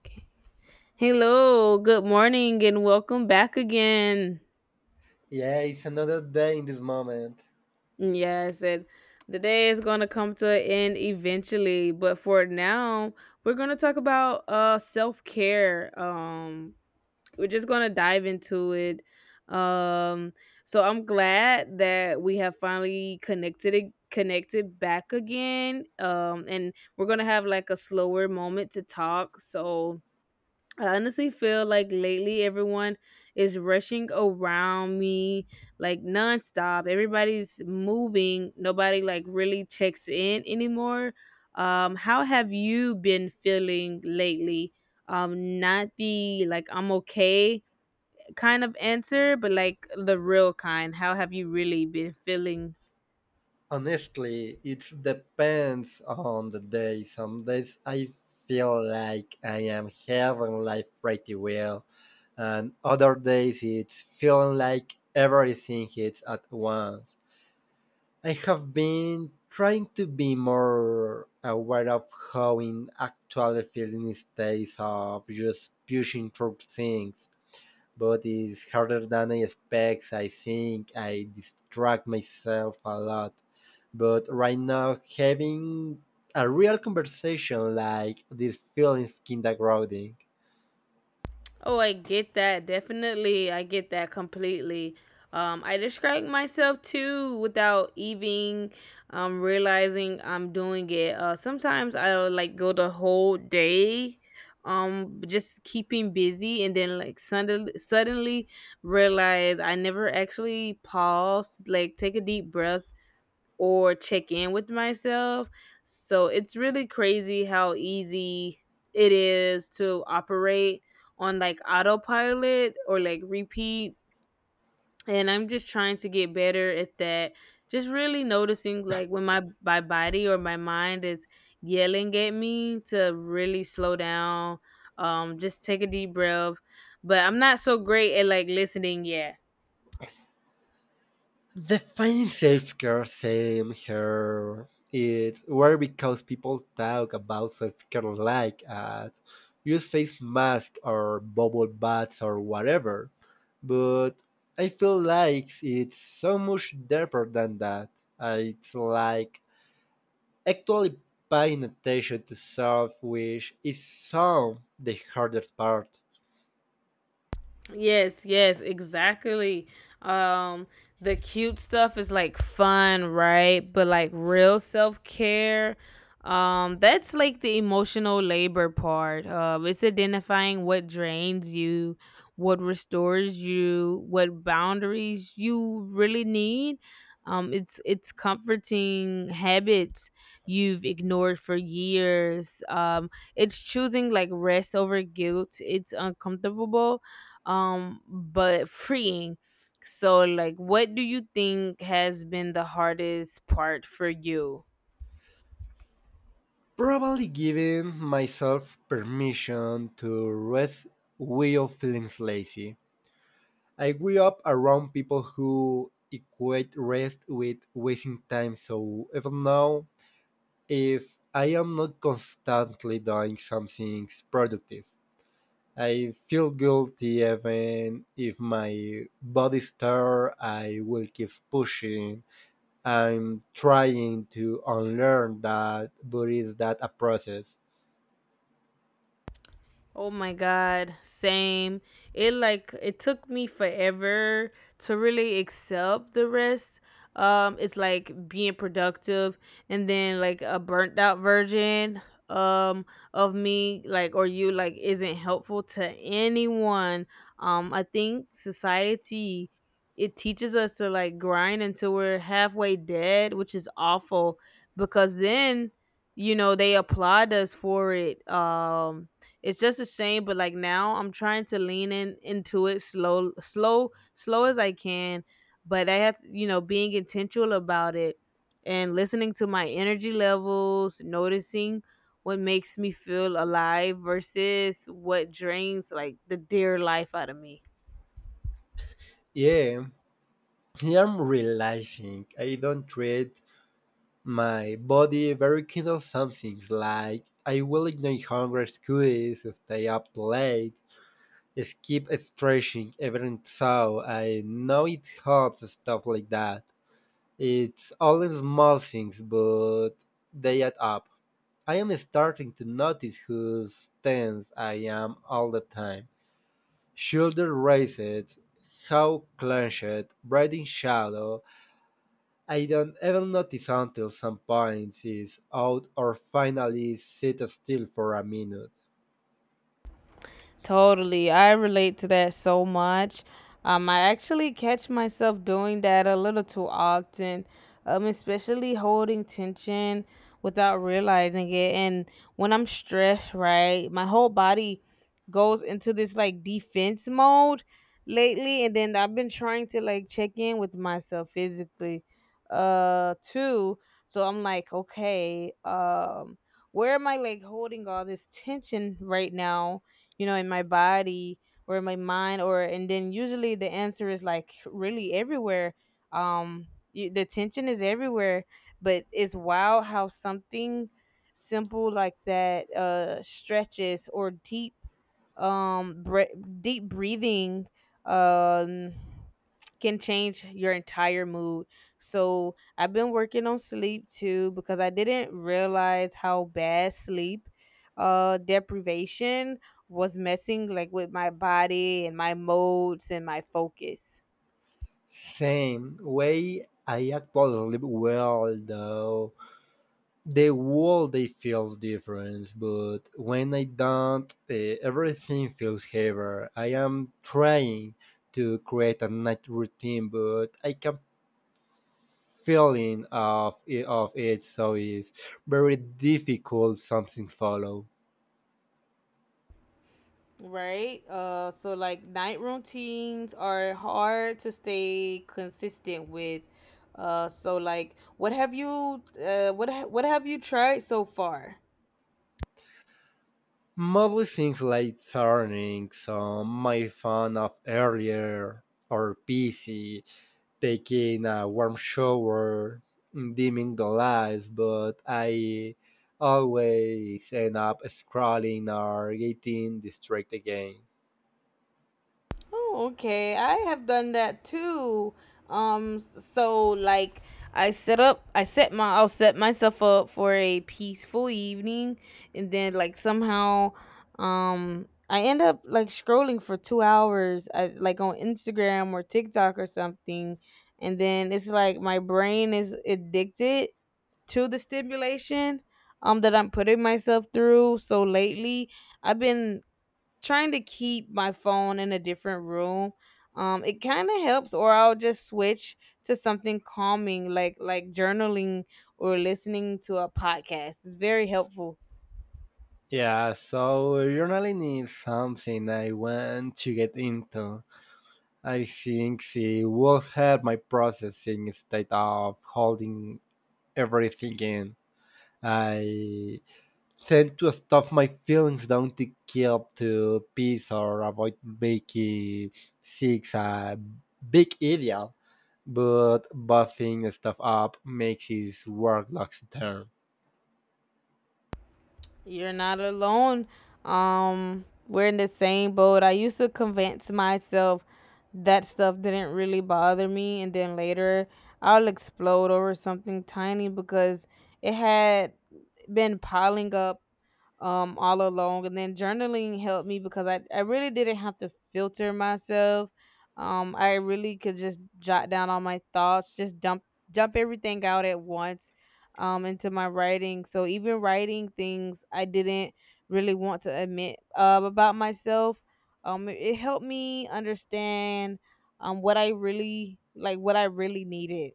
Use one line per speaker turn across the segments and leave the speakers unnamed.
Okay. Hello, good morning, and welcome back again.
Yeah, it's another day in this moment.
Yeah, I said the day is going to come to an end eventually, but for now, we're going to talk about self care. We're just going to dive into it. Um, so I'm glad that we have finally connected back again. And we're gonna have like a slower moment to talk. So I honestly feel like lately everyone is rushing around me like nonstop. Everybody's moving. Nobody like really checks in anymore. How have you been feeling lately? Not the like I'm okay kind of answer, but like the real kind. How have you really been feeling?
Honestly, it depends on the day. Some days I feel like I am having life pretty well, and other days it's feeling like everything hits at once. I have been trying to be more aware of how in actually feeling states of just pushing through things. But it's harder than I expect. I think I distract myself a lot. But right now, having a real conversation like this feels kinda grounding.
Oh, I get that. Definitely. I get that completely. I distract myself too without even realizing I'm doing it. Sometimes I'll like go the whole day just keeping busy and then like suddenly realize I never actually paused, like take a deep breath or check in with myself. So it's really crazy how easy it is to operate on like autopilot or like repeat. And I'm just trying to get better at that. Just really noticing like when my body or my mind is yelling at me to really slow down, just take a deep breath. But I'm not so great at like listening yet.
The fine self-care same here. It's where because people talk about self-care like at use face mask or bubble baths or whatever, but I feel like it's so much deeper than that. It's like actually paying attention to self, which is some the hardest part.
Yes, yes, exactly. Um the cute stuff is like fun, right? But like real self-care, that's like the emotional labor part. It's identifying what drains you, what restores you, what boundaries you really need. It's comforting habits you've ignored for years. It's choosing like rest over guilt. It's uncomfortable but freeing. So like, what do you think has been the hardest part for you?
Probably giving myself permission to rest without feeling lazy. I grew up around people who equate rest with wasting time, so even now, if I am not constantly doing something productive, I feel guilty even if my body's tired, I will keep pushing. I'm trying to unlearn that, but is that a process?
Oh my god, same. It took me forever to really accept the rest. It's like being productive and then like a burnt out version um of me like or you like isn't helpful to anyone. I think society it teaches us to like grind until we're halfway dead, which is awful because then you know they applaud us for it. It's just the same, but like now I'm trying to lean in into it, slow as I can, but I have, you know, being intentional about it and listening to my energy levels, noticing what makes me feel alive versus what drains like the dear life out of me.
Yeah, I'm realizing I don't treat my body very kind of some things, like I will ignore hunger cues, stay up late, skip stretching even so I know it helps, stuff like that. It's all in small things, but they add up. I am starting to notice who's tense I am all the time. Shoulder raised, how clenched, breathing shallow, I don't even notice until some point is out or finally sit still for a minute.
Totally. I relate to that so much. I actually catch myself doing that a little too often, especially holding tension without realizing it. And when I'm stressed, right, my whole body goes into this like defense mode lately. And then I've been trying to like check in with myself physically, too. So I'm like, okay, where am I like holding all this tension right now? You know, in my body or in my mind, or, and then usually the answer is like really everywhere. Um the tension is everywhere, but it's wild how something simple like that, stretches or um bre- deep breathing um can change your entire mood. So I've been working on sleep too because I didn't realize how bad sleep deprivation was messing like with my body and my modes and my focus.
Same way I actually probably well though. The whole day feels different, but when I don't, everything feels heavier. I am trying to create a night routine, but I can feeling of it so it's very difficult. Something follow.
Right. So like night routines are hard to stay consistent with. So like, what have you tried so far?
Mostly things like turning on my phone off earlier or busy, taking a warm shower, dimming the lights, but I always end up scrolling or getting distracted again.
Oh, okay. I have done that too. So like I'll set myself up for a peaceful evening, and then like somehow, I end up like scrolling for 2 hours, like on Instagram or TikTok or something, and then it's like my brain is addicted to the stimulation, that I'm putting myself through. So lately, I've been trying to keep my phone in a different room. It kind of helps, or I'll just switch to something calming, like journaling or listening to a podcast. It's very helpful.
Yeah, so journaling is something I want to get into. I think it will help my processing instead of holding everything in. I tend to stuff my feelings down to keep to peace or avoid making six a big ideal, but buffing stuff up makes it work long term.
You're not alone. We're in the same boat. I used to convince myself that stuff didn't really bother me, and then later I'll explode over something tiny because it had been piling up all along. And then journaling helped me because I really didn't have to filter myself. I really could just jot down all my thoughts, just dump everything out at once into my writing. So even writing things I didn't really want to admit about myself, it helped me understand what I really like what I really needed.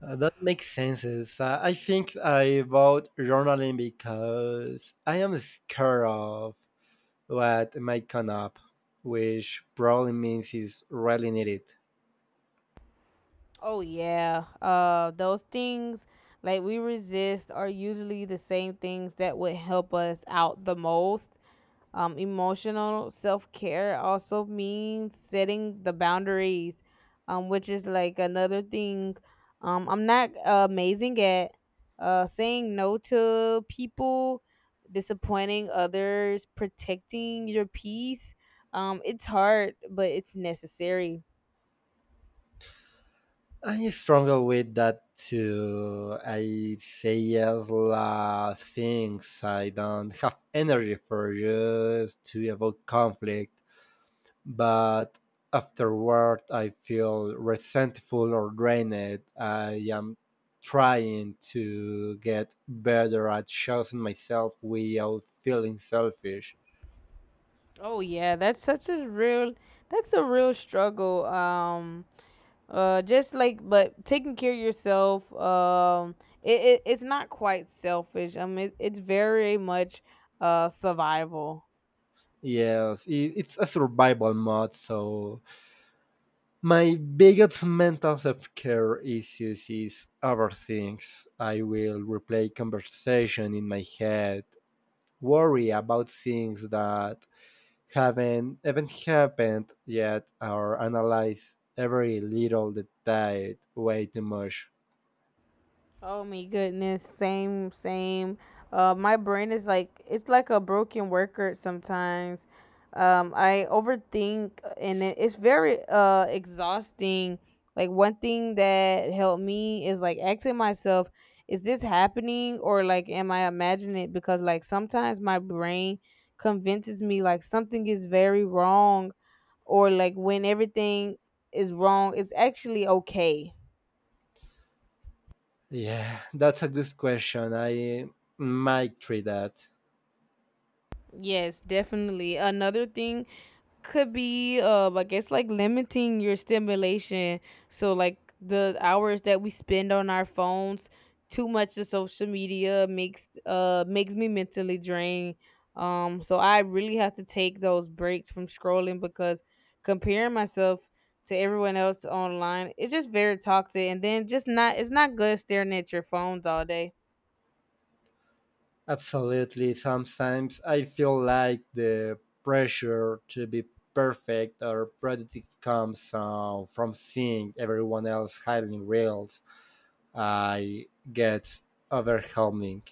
That makes sense. I think I bought journaling because I am scared of what might come up, which probably means it's really needed.
Oh yeah. Those things like we resist are usually the same things that would help us out the most. Emotional self care also means setting the boundaries, which is like another thing. I'm not amazing at saying no to people, disappointing others, protecting your peace. It's hard, but it's necessary.
I struggle with that too. I say yes lot things I don't have energy for just to avoid conflict. But afterward I feel resentful or drained. I am trying to get better at choosing myself without feeling selfish.
Oh yeah, that's such a real that's a real struggle. Just like, but taking care of yourself, it's not quite selfish. It's very much survival.
Yes, it's a survival mode, so my biggest mental self-care issues is other. I will replay conversation in my head, worry about things that haven't happened yet, or analyze every little detail way too much?
Oh my goodness, same, same. My brain is like it's like a broken record sometimes. I overthink, and it's very exhausting. Like one thing that helped me is like asking myself, is this happening, or like am I imagining it? Because like sometimes my brain convinces me like something is very wrong, or like when everything is wrong, it's actually okay.
Yeah, that's a good question. I might try that.
Yes, definitely. Another thing could be I guess like limiting your stimulation. So like the hours that we spend on our phones, too much of social media makes makes me mentally drained. So I really have to take those breaks from scrolling, because comparing myself to everyone else online, it's just very toxic. And then just not it's not good staring at your phones all day.
Absolutely. Sometimes I feel like the pressure to be perfect or productive comes, from seeing everyone else highlighting reels. I get overwhelming.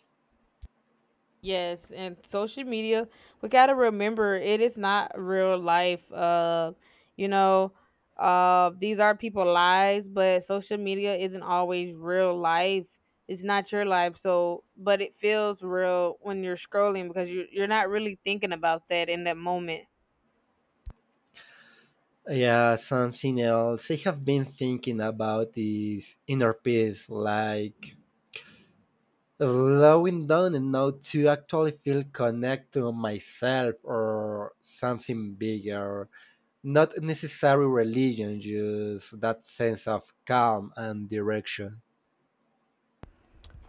Yes, and social media, we got to remember it is not real life. You know, these are people lives, but social media isn't always real life. It's not your life, so but it feels real when you're scrolling because you're not really thinking about that in that moment.
Yeah, something else I have been thinking about is inner peace, like slowing down and now to actually feel connected to myself or something bigger. Not necessary religion, just that sense of calm and direction.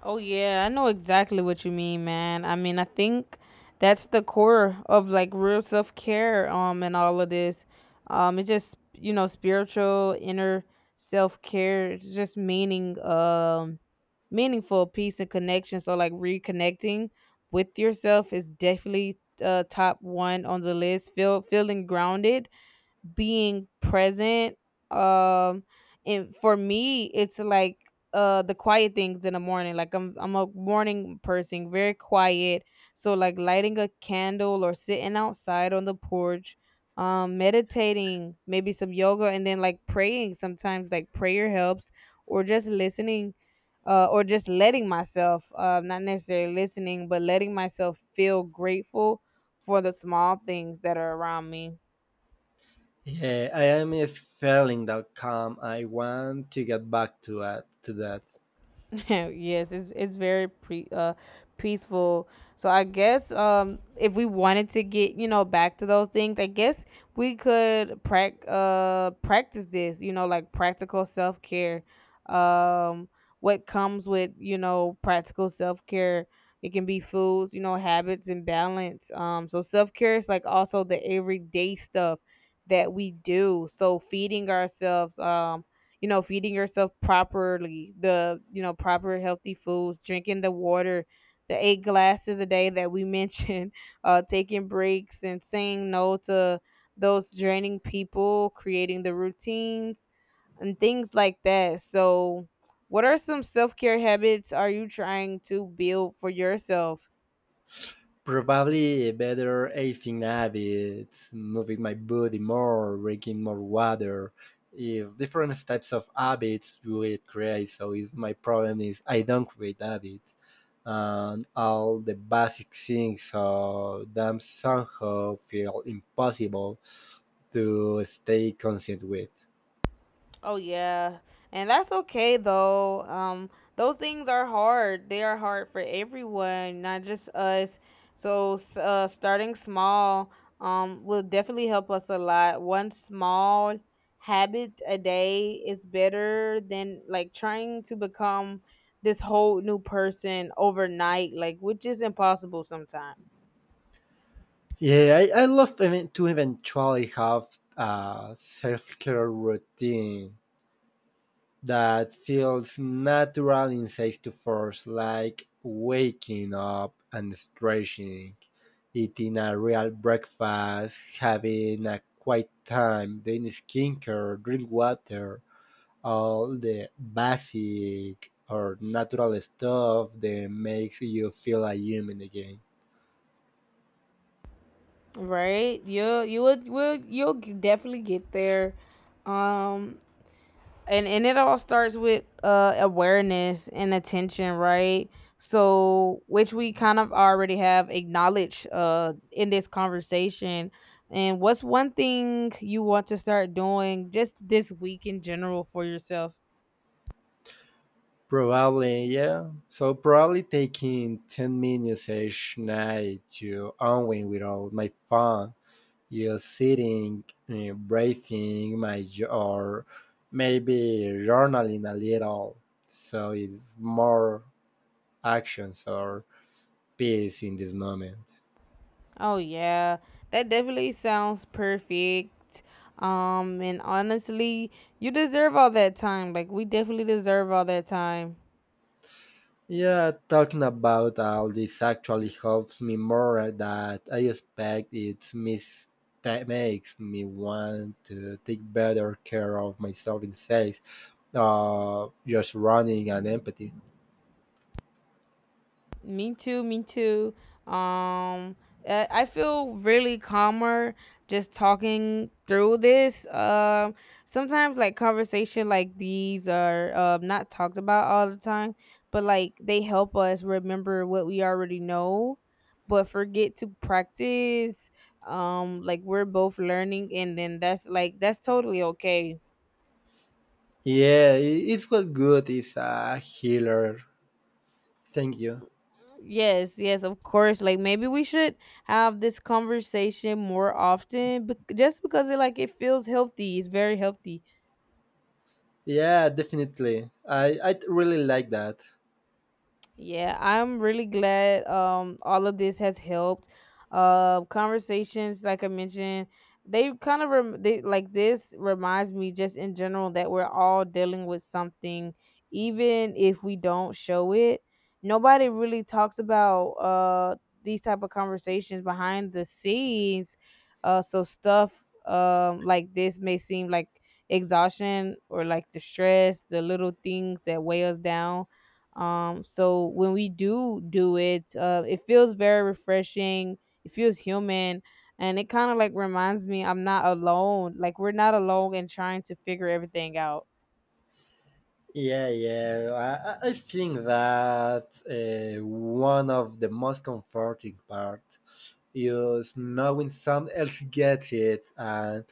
Oh yeah, I know exactly what you mean, man. I mean, I think that's the core of like real self care, and all of this. It's just you know spiritual inner self care, just meaning, meaningful peace and connection. So like reconnecting with yourself is definitely top one on the list. Feeling grounded, being present, um and for me it's like the quiet things in the morning, like I'm a morning person, very quiet. So like lighting a candle or sitting outside on the porch, meditating, maybe some yoga, and then like praying. Sometimes like prayer helps, or just listening, or just letting myself, not necessarily listening, but letting myself feel grateful for the small things that are around me.
Yeah, I am feeling that calm. I want to get back to that.
Yes, it's very pre peaceful. So I guess if we wanted to get you know back to those things, I guess we could practice this. You know, like practical self care. Um, what comes with you know practical self care? It can be foods, you know, habits and balance. So self care is like also the everyday stuff that we do. So feeding ourselves. You know, feeding yourself properly, the you know proper healthy foods, drinking the water, the 8 glasses a day that we mentioned. Taking breaks and saying no to those draining people, creating the routines and things like that. So what are some self-care habits are you trying to build for yourself?
Probably better eating habits, moving my body more, drinking more water. If different types of habits do it create. So is my problem is I don't create habits, and all the basic things so them somehow feel impossible to stay consistent with.
Oh yeah. And that's okay though. Those things are hard. They are hard for everyone, not just us. So starting small will definitely help us a lot. One small habit a day is better than like trying to become this whole new person overnight, like which is impossible sometimes.
Yeah, I love even, to eventually have a self care routine that feels natural in six to fours, like waking up and stretching, eating a real breakfast, having a quiet time, then skincare, drink water, all the basic or natural stuff that makes you feel a human again.
Right, you'll you would will you'll g- definitely get there. Um and and it all starts with awareness and attention, right? So which we kind of already have acknowledged in this conversation. And what's one thing you want to start doing just this week in general for yourself?
Probably, yeah. So probably taking 10 minutes each night to unwind without my phone. You're sitting, breathing, might or maybe journaling a little. So it's more actions or peace in this moment.
Oh yeah, that definitely sounds perfect. And honestly, you deserve all that time. Like we definitely deserve all that time.
Yeah, talking about all this actually helps me more than I expect it, that makes me want to take better care of myself instead of just running and empathy.
Me too, me too. Um I feel really calmer just talking through this. Sometimes like conversation like these are not talked about all the time, but like they help us remember what we already know but forget to practice. Like we're both learning, and then that's totally okay.
Yeah, it's what good is a healer. Thank you.
Yes, yes, of course. Like maybe we should have this conversation more often, but just because it like it feels healthy, it's very healthy.
Yeah, definitely. I really like that.
Yeah, I'm really glad all of this has helped. Conversations like I mentioned, they kind of rem- they like this reminds me just in general that we're all dealing with something even if we don't show it. Nobody really talks about these type of conversations behind the scenes. So stuff like this may seem like exhaustion or like the stress, the little things that weigh us down, so when we do it, it feels very refreshing, it feels human, and it kind of like reminds me I'm not alone, like we're not alone in trying to figure everything out.
Yeah, yeah. I think that, Uh, one of the most comforting part is knowing someone else gets it, and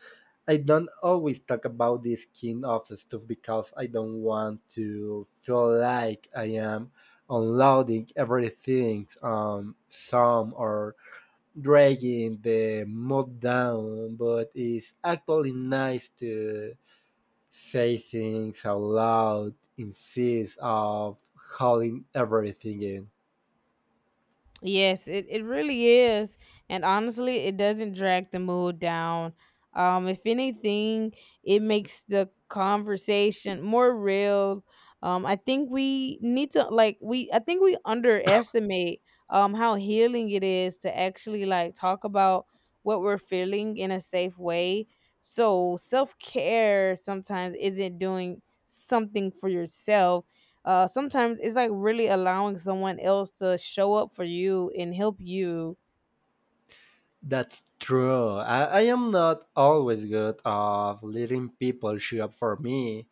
I don't always talk about this kind of stuff because I don't want to feel like I am unloading everything on some or dragging the mood down. But it's actually nice to say things out loud instead of holding everything in.
Yes, it really is. And honestly, it doesn't drag the mood down. If anything, it makes the conversation more real. I think we need to like we I think we underestimate how healing it is to actually like talk about what we're feeling in a safe way. So self care sometimes isn't doing something for yourself, sometimes it's like really allowing someone else to show up for you and help you.
That's true. I am not always good of letting people show up for me.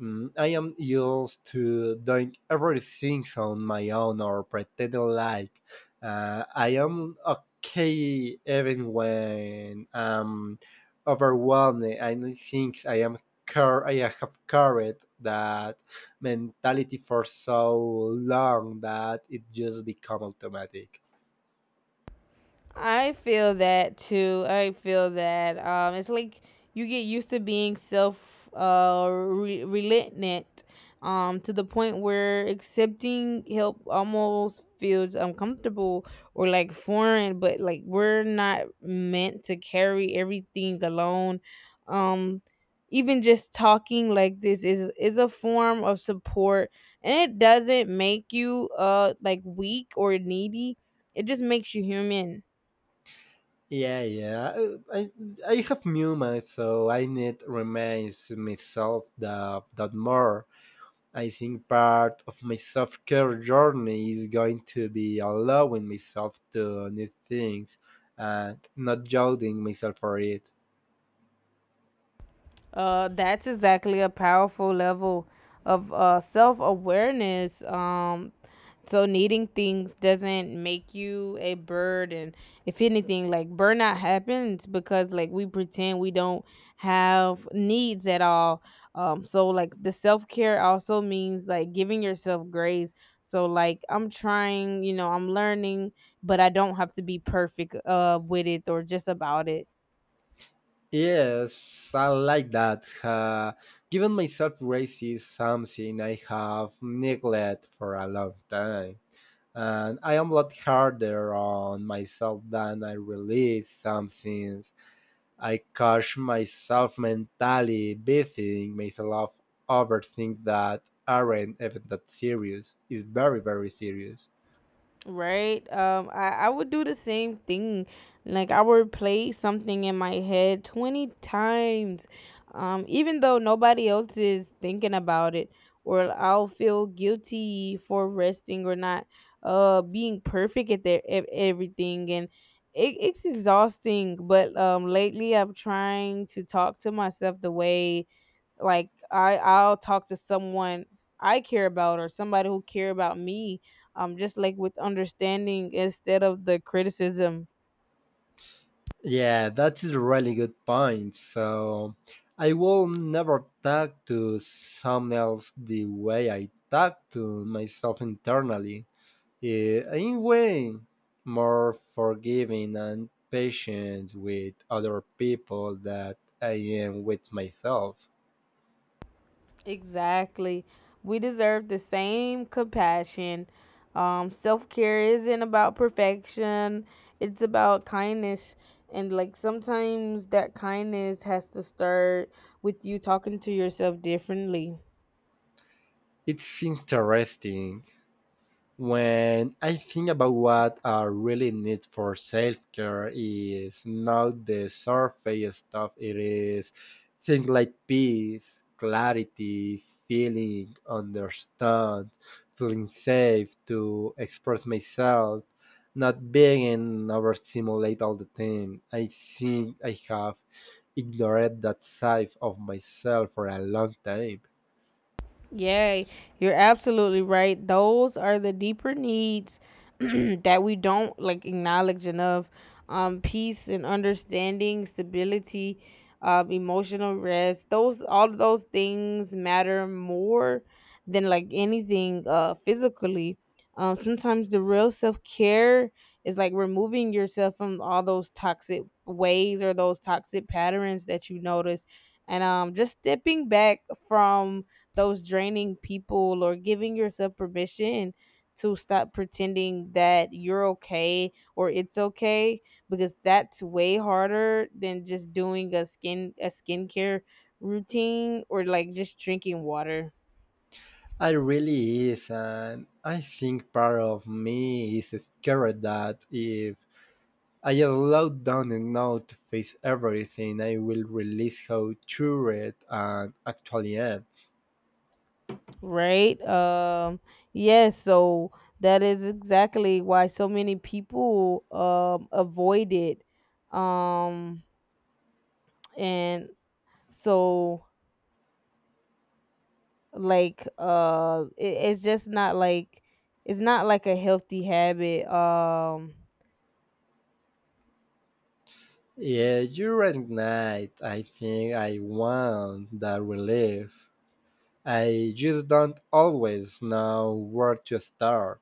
Mm, I am used to doing everything on my own or pretending like, I am okay even when I'm overwhelmed. I don't think I am I have carried that mentality for so long that it just become automatic.
I feel that too. I feel that, it's like you get used to being self, relentant, to the point where accepting help almost feels uncomfortable or like foreign. But like we're not meant to carry everything alone. Um, Even just talking like this is a form of support, and it doesn't make you like weak or needy. It just makes you human.
Yeah, yeah. Uh, I have new mind, so I need remains myself that that more. I think part of my self care journey is going to be allowing myself to need things and not judging myself for it.
That's exactly a powerful level of, self awareness. So needing things doesn't make you a burden. If anything, like burnout happens because like we pretend we don't have needs at all. So like the self care also means like giving yourself grace. So like I'm trying, you know, I'm learning, but I don't have to be perfect with it or just about it.
Yes, I like that. Giving myself grace is something I have neglected for a long time. And I am a lot harder on myself than I release. Something I catch myself mentally beating myself over, things that aren't even that serious. It's very, very serious.
Right. I would do the same thing. Like I would play something in my head 20 times. Even though nobody else is thinking about it, or I'll feel guilty for resting or not being perfect at their at everything, and it's exhausting, but lately I'm trying to talk to myself the way like I'll talk to someone I care about or somebody who care about me, just like with understanding instead of the criticism.
Yeah, that is a really good point. So I will never talk to someone else the way I talk to myself internally. I'm way more forgiving and patient with other people that I am with myself.
Exactly. We deserve the same compassion. Self care isn't about perfection, it's about kindness. And like sometimes that kindness has to start with you talking to yourself differently.
It's interesting. When I think about what I really need for self care is not the surface stuff. It is things like peace, clarity, feeling understood, feeling safe to express myself, not being in overstimulate all the time. I think I have ignored that side of myself for a long time.
Yay. You're absolutely right. Those are the deeper needs that we don't like acknowledge enough. Peace and understanding, stability, emotional rest. Those All of those things matter more than like anything physically. Sometimes the real self care is like removing yourself from all those toxic ways or those toxic patterns that you notice, and, just stepping back from those draining people, or giving yourself permission to stop pretending that you're okay or it's okay, because that's way harder than just doing a skincare routine or like just drinking water.
I really is, and I think part of me is scared that if I slow down enough to face everything, I will release how true it and actually am.
Right um yes so that is exactly why so many people avoid it. Um and so like It's just not like it's not like a healthy habit.
Yeah, you're right, Knight. I think I want that relief. I just don't always know where to start.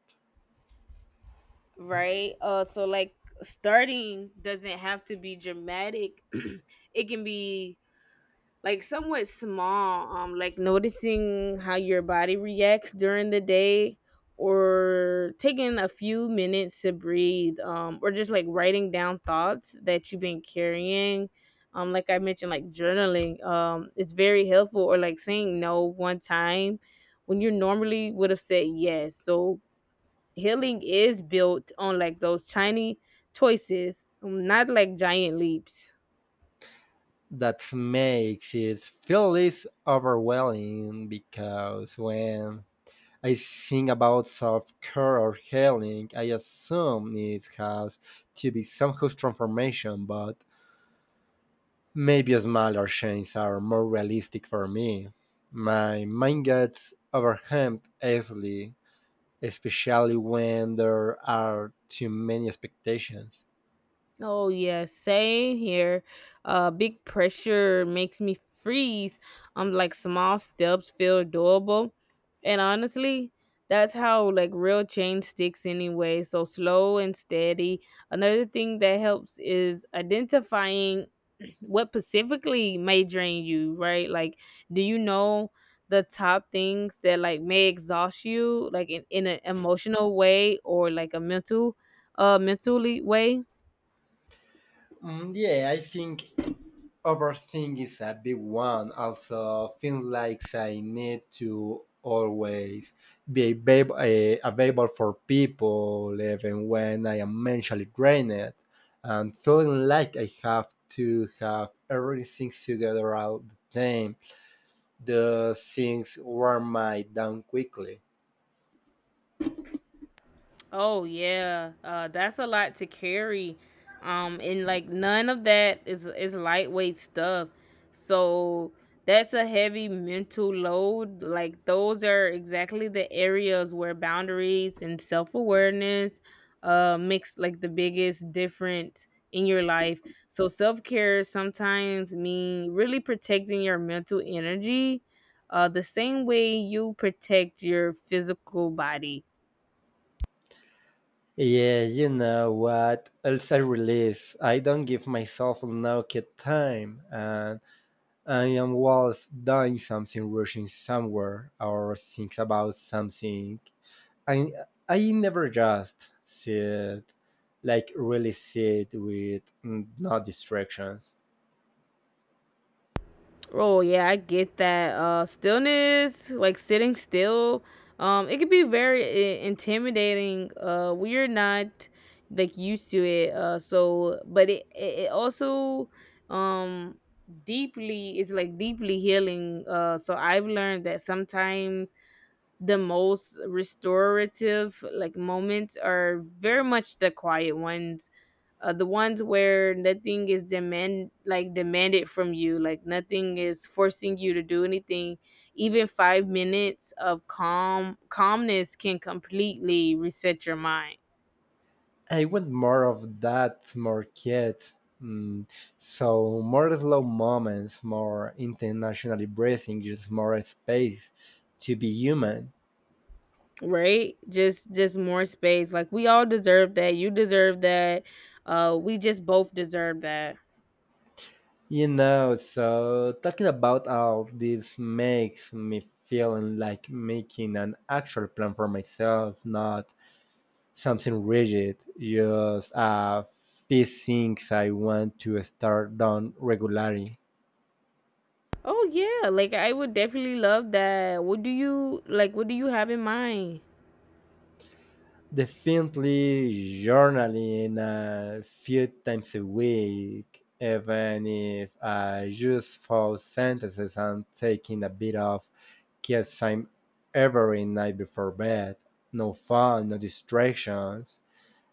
right uh so like Starting doesn't have to be dramatic. It can be like somewhat small, like noticing how your body reacts during the day, or taking a few minutes to breathe, or just like writing down thoughts that you've been carrying, like I mentioned, like journaling is very helpful, or like saying no one time when you normally would have said yes. So healing is built on like those tiny choices, not like giant leaps.
That makes it feel less overwhelming, because when I think about self-care or healing, I assume it has to be some whose transformation, but maybe smaller changes are more realistic for me. My mind gets overwhelmed easily, especially when there are too many expectations.
Oh yes, same here. Big pressure makes me freeze. Like small steps feel doable, and honestly, that's how like real change sticks anyway. So slow and steady. Another thing that helps is identifying what specifically may drain you. Right? Like, do you know the top things that like may exhaust you, like in an emotional way or like a mental, mentally way?
Mm, yeah, I think overthink is a big one. Also, feel like I need to always be available for people, even when I am mentally drained, and feeling like I have to have everything together all the time. The things wear my down quickly.
Oh yeah, that's a lot to carry, and like none of that is lightweight stuff. So that's a heavy mental load. Like those are exactly the areas where boundaries and self awareness, makes like the biggest difference in your life. So self care sometimes mean really protecting your mental energy, the same way you protect your physical body.
Yeah, you know what? Else I release. I don't give myself enough time, and I'm was doing something, rushing somewhere, or thinking about something. I I never just sit, like really sit with, no distractions.
Oh yeah, I get that. Stillness, like sitting still, it could be very intimidating. We're not like used to it. So but it also, um deeply it's like deeply healing. So I've learned that sometimes the most restorative like moments are very much the quiet ones, the ones where nothing is demanded from you, like nothing is forcing you to do anything. Even 5 minutes of calmness can completely reset your mind.
I want more of that, more kids. Mm, so more slow moments, more internationally breathing, just more space to be human.
Right, just more space, like we all deserve that, you deserve that, we just both deserve that.
You know, so talking about all this makes me feeling like making an actual plan for myself, not something rigid, just a few things I want to start doing regularly.
Oh yeah, like I would definitely love that. What do you like? What do you have in mind?
Definitely journaling a few times a week, even if I just four sentences, and taking a bit of time every night before bed. No phone, no distractions.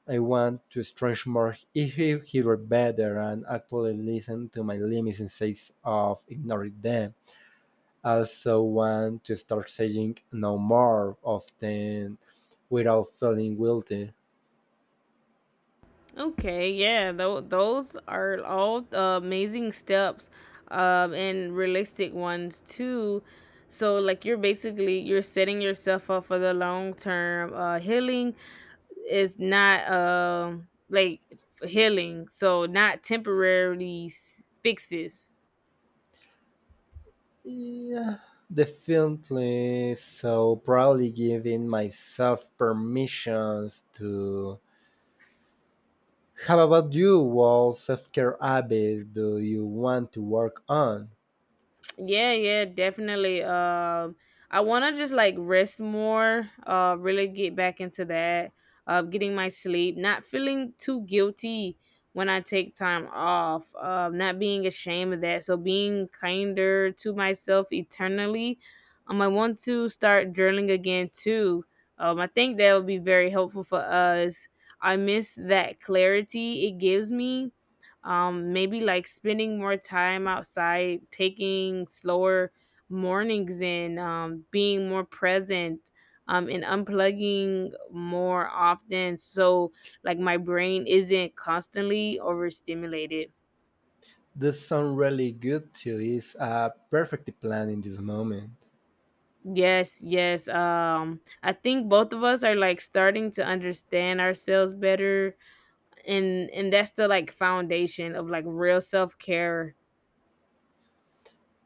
I want to stretch more, if hear better and actually listen to my limits instead of ignoring them. I also want to start saying no more often without feeling guilty.
Okay, yeah, those are all, amazing steps, and realistic ones too. So like you're setting yourself up for the long term. Healing is not healing, so not temporary fixes.
Yeah, definitely. So probably giving myself permissions to. How about you? What self care habits do you want to work on?
Yeah, yeah, definitely. I want to just like rest more. Really get back into that. Getting my sleep, not feeling too guilty when I take time off. Not being ashamed of that. So being kinder to myself eternally. I want to start journaling again too. I think that would be very helpful for us. I miss that clarity it gives me, maybe like spending more time outside, taking slower mornings, and, being more present, and unplugging more often. So, like, my brain isn't constantly overstimulated.
This sounds really good too. It's a perfect plan in this moment.
Yes, yes. I think both of us are like starting to understand ourselves better, and that's the like foundation of like real self care.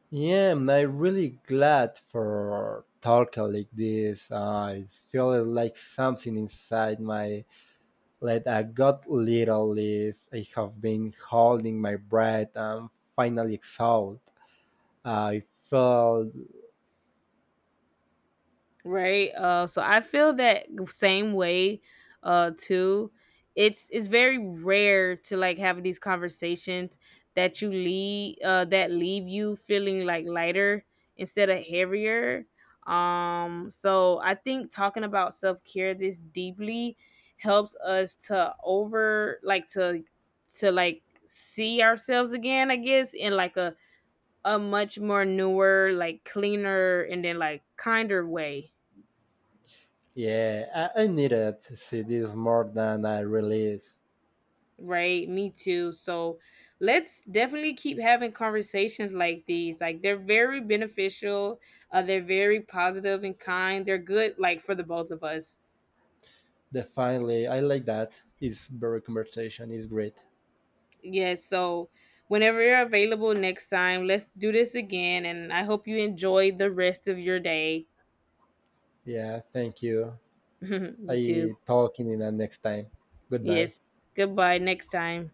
Yeah, I'm not really glad for talking like this. I feel like something inside my. Let a god little live. I have been holding my breath. I'm finally exhaled. I felt,
Right uh so I feel that same way, too. It's very rare to like have these conversations that you lead, that leave you feeling like lighter instead of heavier. So I think talking about self-care this deeply helps us to over like to like see ourselves again, I guess, in like a much more newer, like cleaner and then like kinder way.
yeah, I needed to see this more than a release.
Right, me too. So let's definitely keep having conversations like these. Like they're very beneficial. They're very positive and kind. They're good, like for the both of us.
Definitely, I like that. It's very conversation. It's great.
Yes. So whenever you're available next time, let's do this again. And I hope you enjoy the rest of your day.
Yeah, thank you.
You
I
too.
talking in the next time. Goodbye.
Yes. Goodbye. Next time.